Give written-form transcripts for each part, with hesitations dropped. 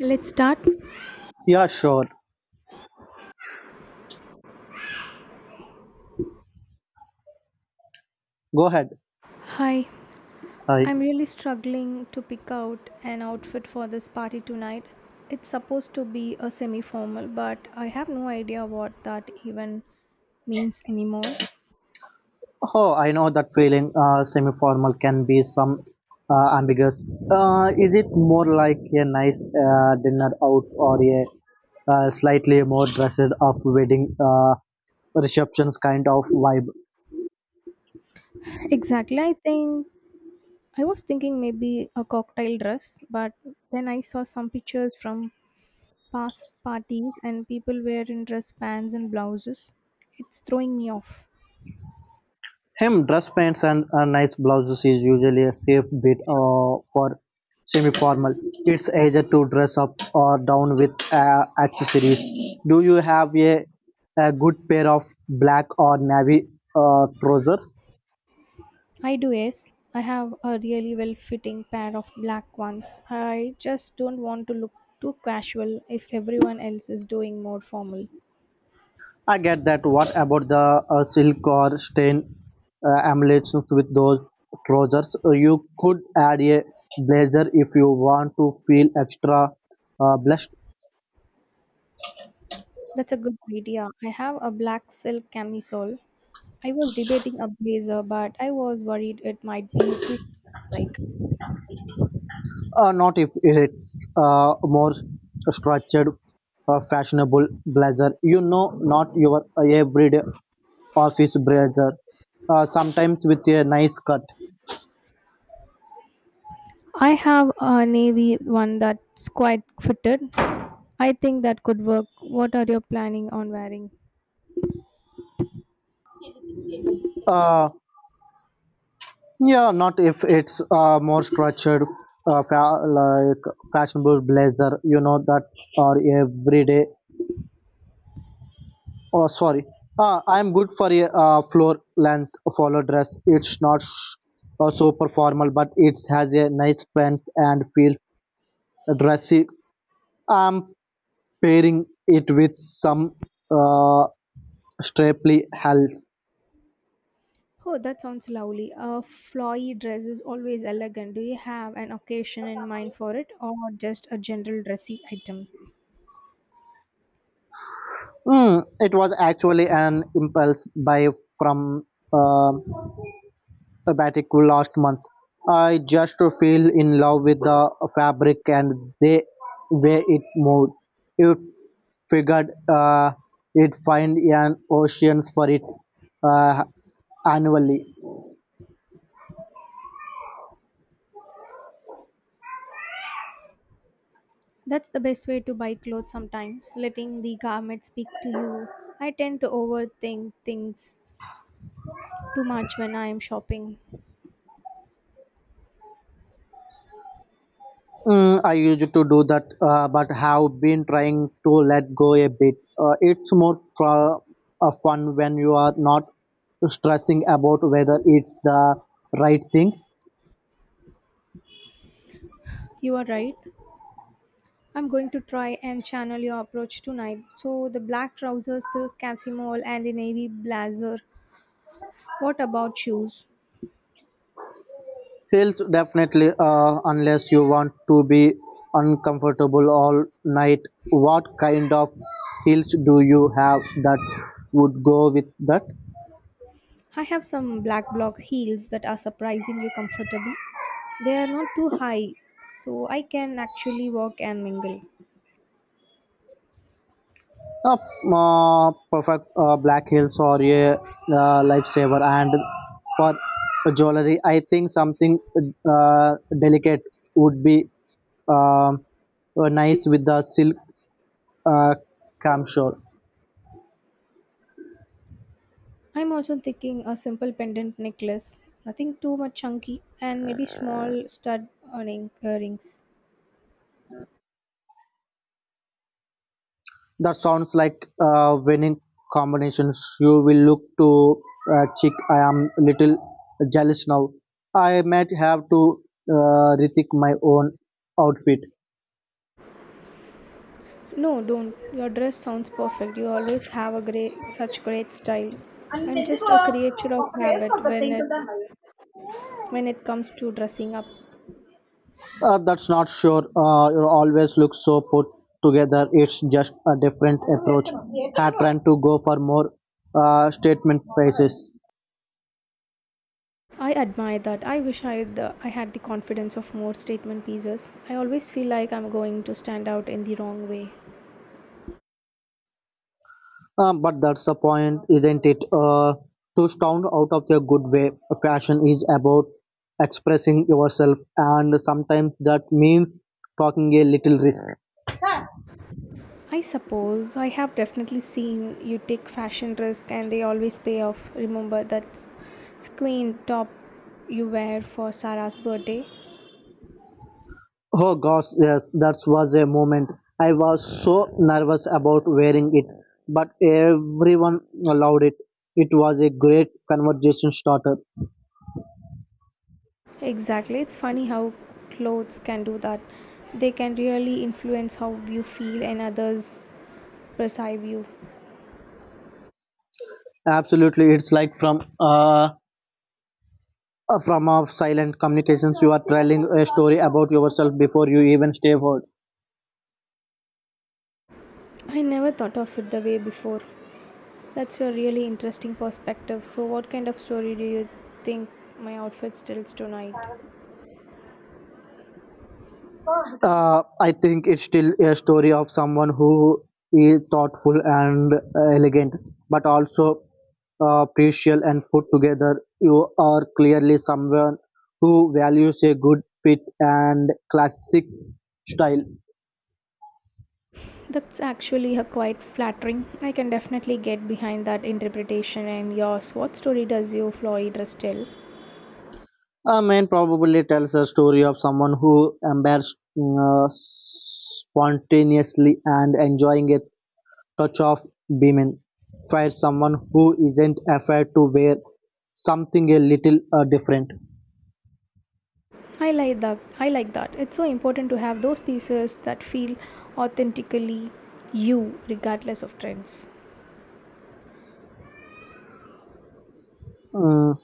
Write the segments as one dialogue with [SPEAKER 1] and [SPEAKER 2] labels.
[SPEAKER 1] Let's start.
[SPEAKER 2] Yeah, sure. Go ahead.
[SPEAKER 1] Hi,
[SPEAKER 2] I
[SPEAKER 1] I'm really struggling to pick out an outfit for this party tonight. It's supposed to be a semi formal, but I have no idea what that even means anymore.
[SPEAKER 2] oh, I know that feeling. Semi-formal can be some ambiguous. Is it more like a nice dinner out or a slightly more dressed up wedding receptions kind of vibe?
[SPEAKER 1] Exactly, I think I was thinking maybe a cocktail dress, but then I saw some pictures from past parties and people wearing dress pants and blouses. It's throwing me off.
[SPEAKER 2] Hemmed dress pants and nice blouses is usually a safe bet for semi-formal. It's either to dress up or down with accessories. Do you have a good pair of black or navy trousers?
[SPEAKER 1] I do, yes. I have a really well fitting pair of black ones. I just don't want to look too casual if everyone else is doing more formal.
[SPEAKER 2] I get that. What about the silk or stain emulations with those trousers? You could add a blazer if you want to feel extra blush.
[SPEAKER 1] That's a good idea. I have a black silk camisole. I was debating a blazer, but I was worried it might be too like.
[SPEAKER 2] Not if it's more structured, fashionable blazer. You know, not your everyday office blazer. Sometimes with a nice cut.
[SPEAKER 1] I have a navy one that's quite fitted. I think that could work. What are you planning on wearing?
[SPEAKER 2] Uh, yeah, not if it's more structured, like fashionable blazer. You know that or everyday. Oh, sorry. I'm good for a floor length follow dress. It's not super formal, but it has a nice print and feel dressy. I'm pairing it with some uh, Stapley Hells.
[SPEAKER 1] Oh, that sounds lovely. A flowy dress is always elegant. Do you have an occasion in mind for it or just a general dressy item?
[SPEAKER 2] It was actually an impulse buy from uh, a batik last month. I just fell in love with the fabric and the way it moved. It figured it find an ocean for it uh, annually.
[SPEAKER 1] That's the best way to buy clothes sometimes, letting the garment speak to you. I tend to overthink things too much when I am shopping.
[SPEAKER 2] I used to do that, but have been trying to let go a bit. It's more for, fun when you are not stressing about whether it's the right thing.
[SPEAKER 1] You are right. I'm going to try and channel your approach tonight. So, the black trousers, silk casimole, and the navy blazer. What about shoes?
[SPEAKER 2] Feels definitely, unless you want to be uncomfortable all night. What kind of heels do you have that would go with that?
[SPEAKER 1] I have some black block heels that are surprisingly comfortable. They are not too high, so I can actually walk and mingle.
[SPEAKER 2] A perfect black hills or a lifesaver. And for jewelry, I think something uh, delicate would be um nice with the silk uh, camshaw.
[SPEAKER 1] I'm also thinking a simple pendant necklace, nothing too much chunky, and maybe small stud earning earrings.
[SPEAKER 2] That sounds like winning combinations. You will look to chick. I am little jealous now. I might have to rethink my own outfit.
[SPEAKER 1] No, don't. Your dress sounds perfect. You always have a great, such great style. I'm just a creature of habit when it comes to dressing up.
[SPEAKER 2] That's not sure. You always look so put together. It's just a different approach. Had trying to go for more statement pieces.
[SPEAKER 1] I admire that. I wish I had I had the confidence of more statement pieces. I always feel like I'm going to stand out in the wrong way.
[SPEAKER 2] But that's the point, isn't it? To sound out of your good way. Fashion is about expressing yourself, and sometimes that means talking a little risk.
[SPEAKER 1] I suppose I have definitely seen you take fashion risk and they always pay off. Remember that squint top you wear for Sarah's birthday?
[SPEAKER 2] Oh gosh, yes, that was a moment. I was so nervous about wearing it, but everyone allowed it. It was a great conversation starter.
[SPEAKER 1] Exactly. It's funny how clothes can do that. They can really influence how you feel and others perceive you.
[SPEAKER 2] Absolutely, it's like from a silent communications. You are telling a story about yourself before you even stay home.
[SPEAKER 1] I never thought of it the way before. That's a really interesting perspective. So what kind of story do you think my outfit tells tonight?
[SPEAKER 2] I think it's still a story of someone who is thoughtful and elegant, but also precious and put together. You are clearly someone who values a good fit and classic style.
[SPEAKER 1] That's actually a quite flattering. I can definitely get behind that interpretation and yours. What story does you Floyd dress tell?
[SPEAKER 2] A man probably tells a story of someone who embarks spontaneously and enjoying it touch of beaming. For someone who isn't afraid to wear something a little different.
[SPEAKER 1] I like that. I like that. It's so important to have those pieces that feel authentically you, regardless of trends.
[SPEAKER 2] Mm,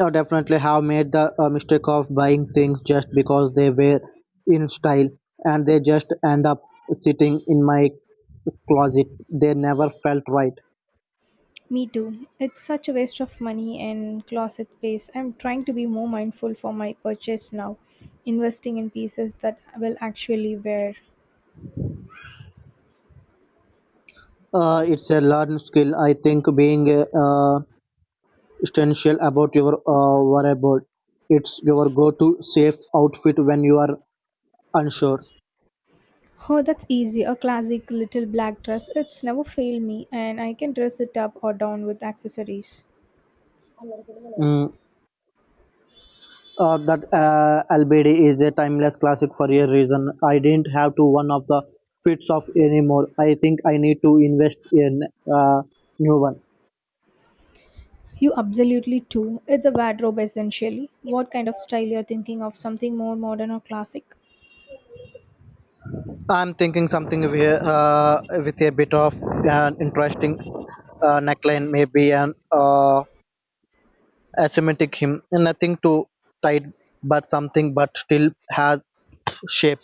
[SPEAKER 2] I definitely have made the mistake of buying things just because they were in style and they just end up sitting in my closet. They never felt right.
[SPEAKER 1] Me too. It's such a waste of money and closet space. I'm trying to be more mindful for my purchase now, investing in pieces that I will actually wear.
[SPEAKER 2] It's a learned skill. I think being essential about your wardrobe. It's your go-to safe outfit when you are unsure.
[SPEAKER 1] Oh, that's easy. A classic little black dress. It's never failed me, and I can dress it up or down with accessories.
[SPEAKER 2] Mm, that LBD is a timeless classic for a reason. I didn't have to one of the fits of anymore. I think I need to invest in uh, new one.
[SPEAKER 1] You absolutely too. It's a wardrobe essentially. What kind of style you're thinking of? Something more modern or classic?
[SPEAKER 2] I'm thinking something with a bit of an interesting neckline, maybe an asymmetric hem. Nothing too tight, but something but still has shape.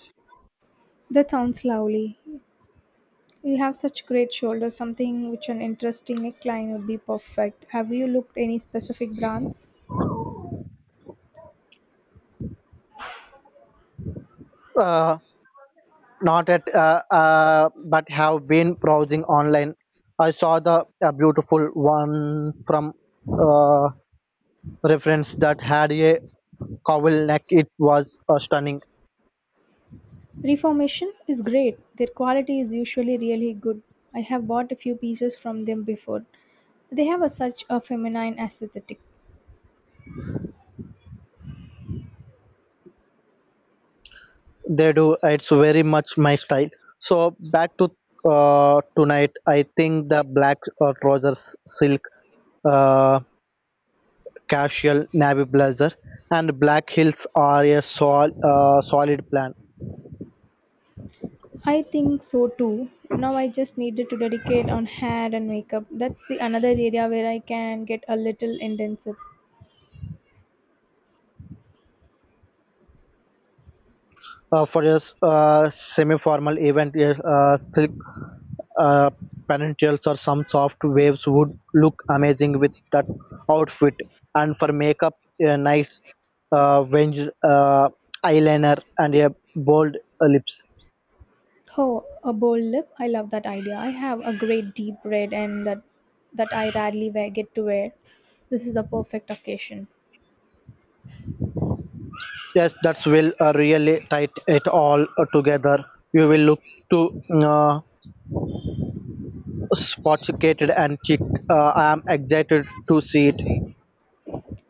[SPEAKER 1] That sounds lovely. You have such great shoulders. Something which an interesting neckline would be perfect. Have you looked any specific brands?
[SPEAKER 2] Uh, Not at but have been browsing online. I saw the a beautiful one from uh, reference that had a cowl neck. It was stunning.
[SPEAKER 1] Reformation is great. Their quality is usually really good. I have bought a few pieces from them before. They have a, such a feminine aesthetic.
[SPEAKER 2] They do, it's very much my style. So back to tonight, I think the black trousers, silk uh, casual, navy blazer, and black heels are a solid plan.
[SPEAKER 1] I think so too. Now I just needed to dedicate on hair and makeup. That's the another area where I can get a little intensive.
[SPEAKER 2] For a semi-formal event, a silk uh, pantyhose or some soft waves would look amazing with that outfit. And for makeup, a nice wing, eyeliner and a bold lips.
[SPEAKER 1] Oh, a bold lip. I love that idea. I have a great deep red and that I rarely wear, get to wear. This is the perfect occasion.
[SPEAKER 2] Yes, that's will really tight it all together. You will look too sophisticated and chic. I am excited to see it.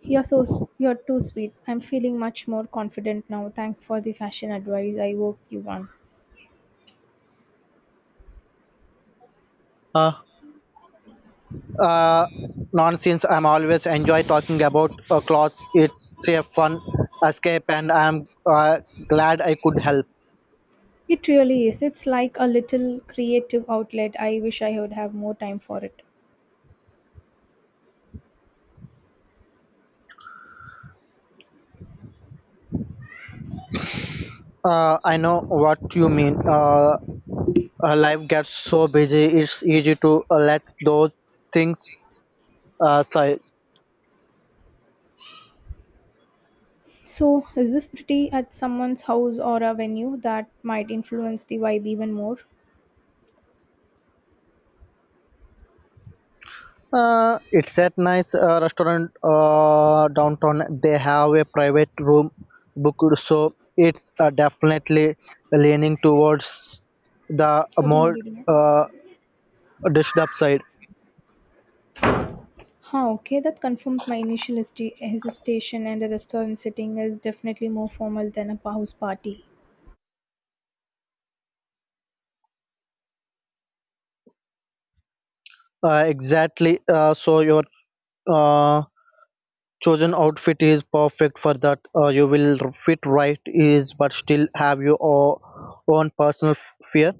[SPEAKER 1] You're too sweet. I'm feeling much more confident now. Thanks for the fashion advice. I hope you won.
[SPEAKER 2] Uh, uh, nonsense. I'm always enjoy talking about clothes. It's a fun escape, and I'm glad I could help.
[SPEAKER 1] It really is. It's like a little creative outlet. I wish I would have more time for it.
[SPEAKER 2] I know what you mean. Life gets so busy, it's easy to let those things aside.
[SPEAKER 1] So, is this pretty at someone's house or a venue that might influence the vibe even more?
[SPEAKER 2] It's at nice restaurant downtown. They have a private room booked, so it's definitely leaning towards the
[SPEAKER 1] ಅದು
[SPEAKER 2] more.
[SPEAKER 1] ನೋಡಿದ್ದೀನಿ.
[SPEAKER 2] Uh, Dished upside.
[SPEAKER 1] Huh, okay, that confirms my initial hesitation, and a restaurant setting is definitely more formal than a house party.
[SPEAKER 2] Exactly. So your uh, chosen outfit is perfect for that. You will fit right is, but still have your own personal fear.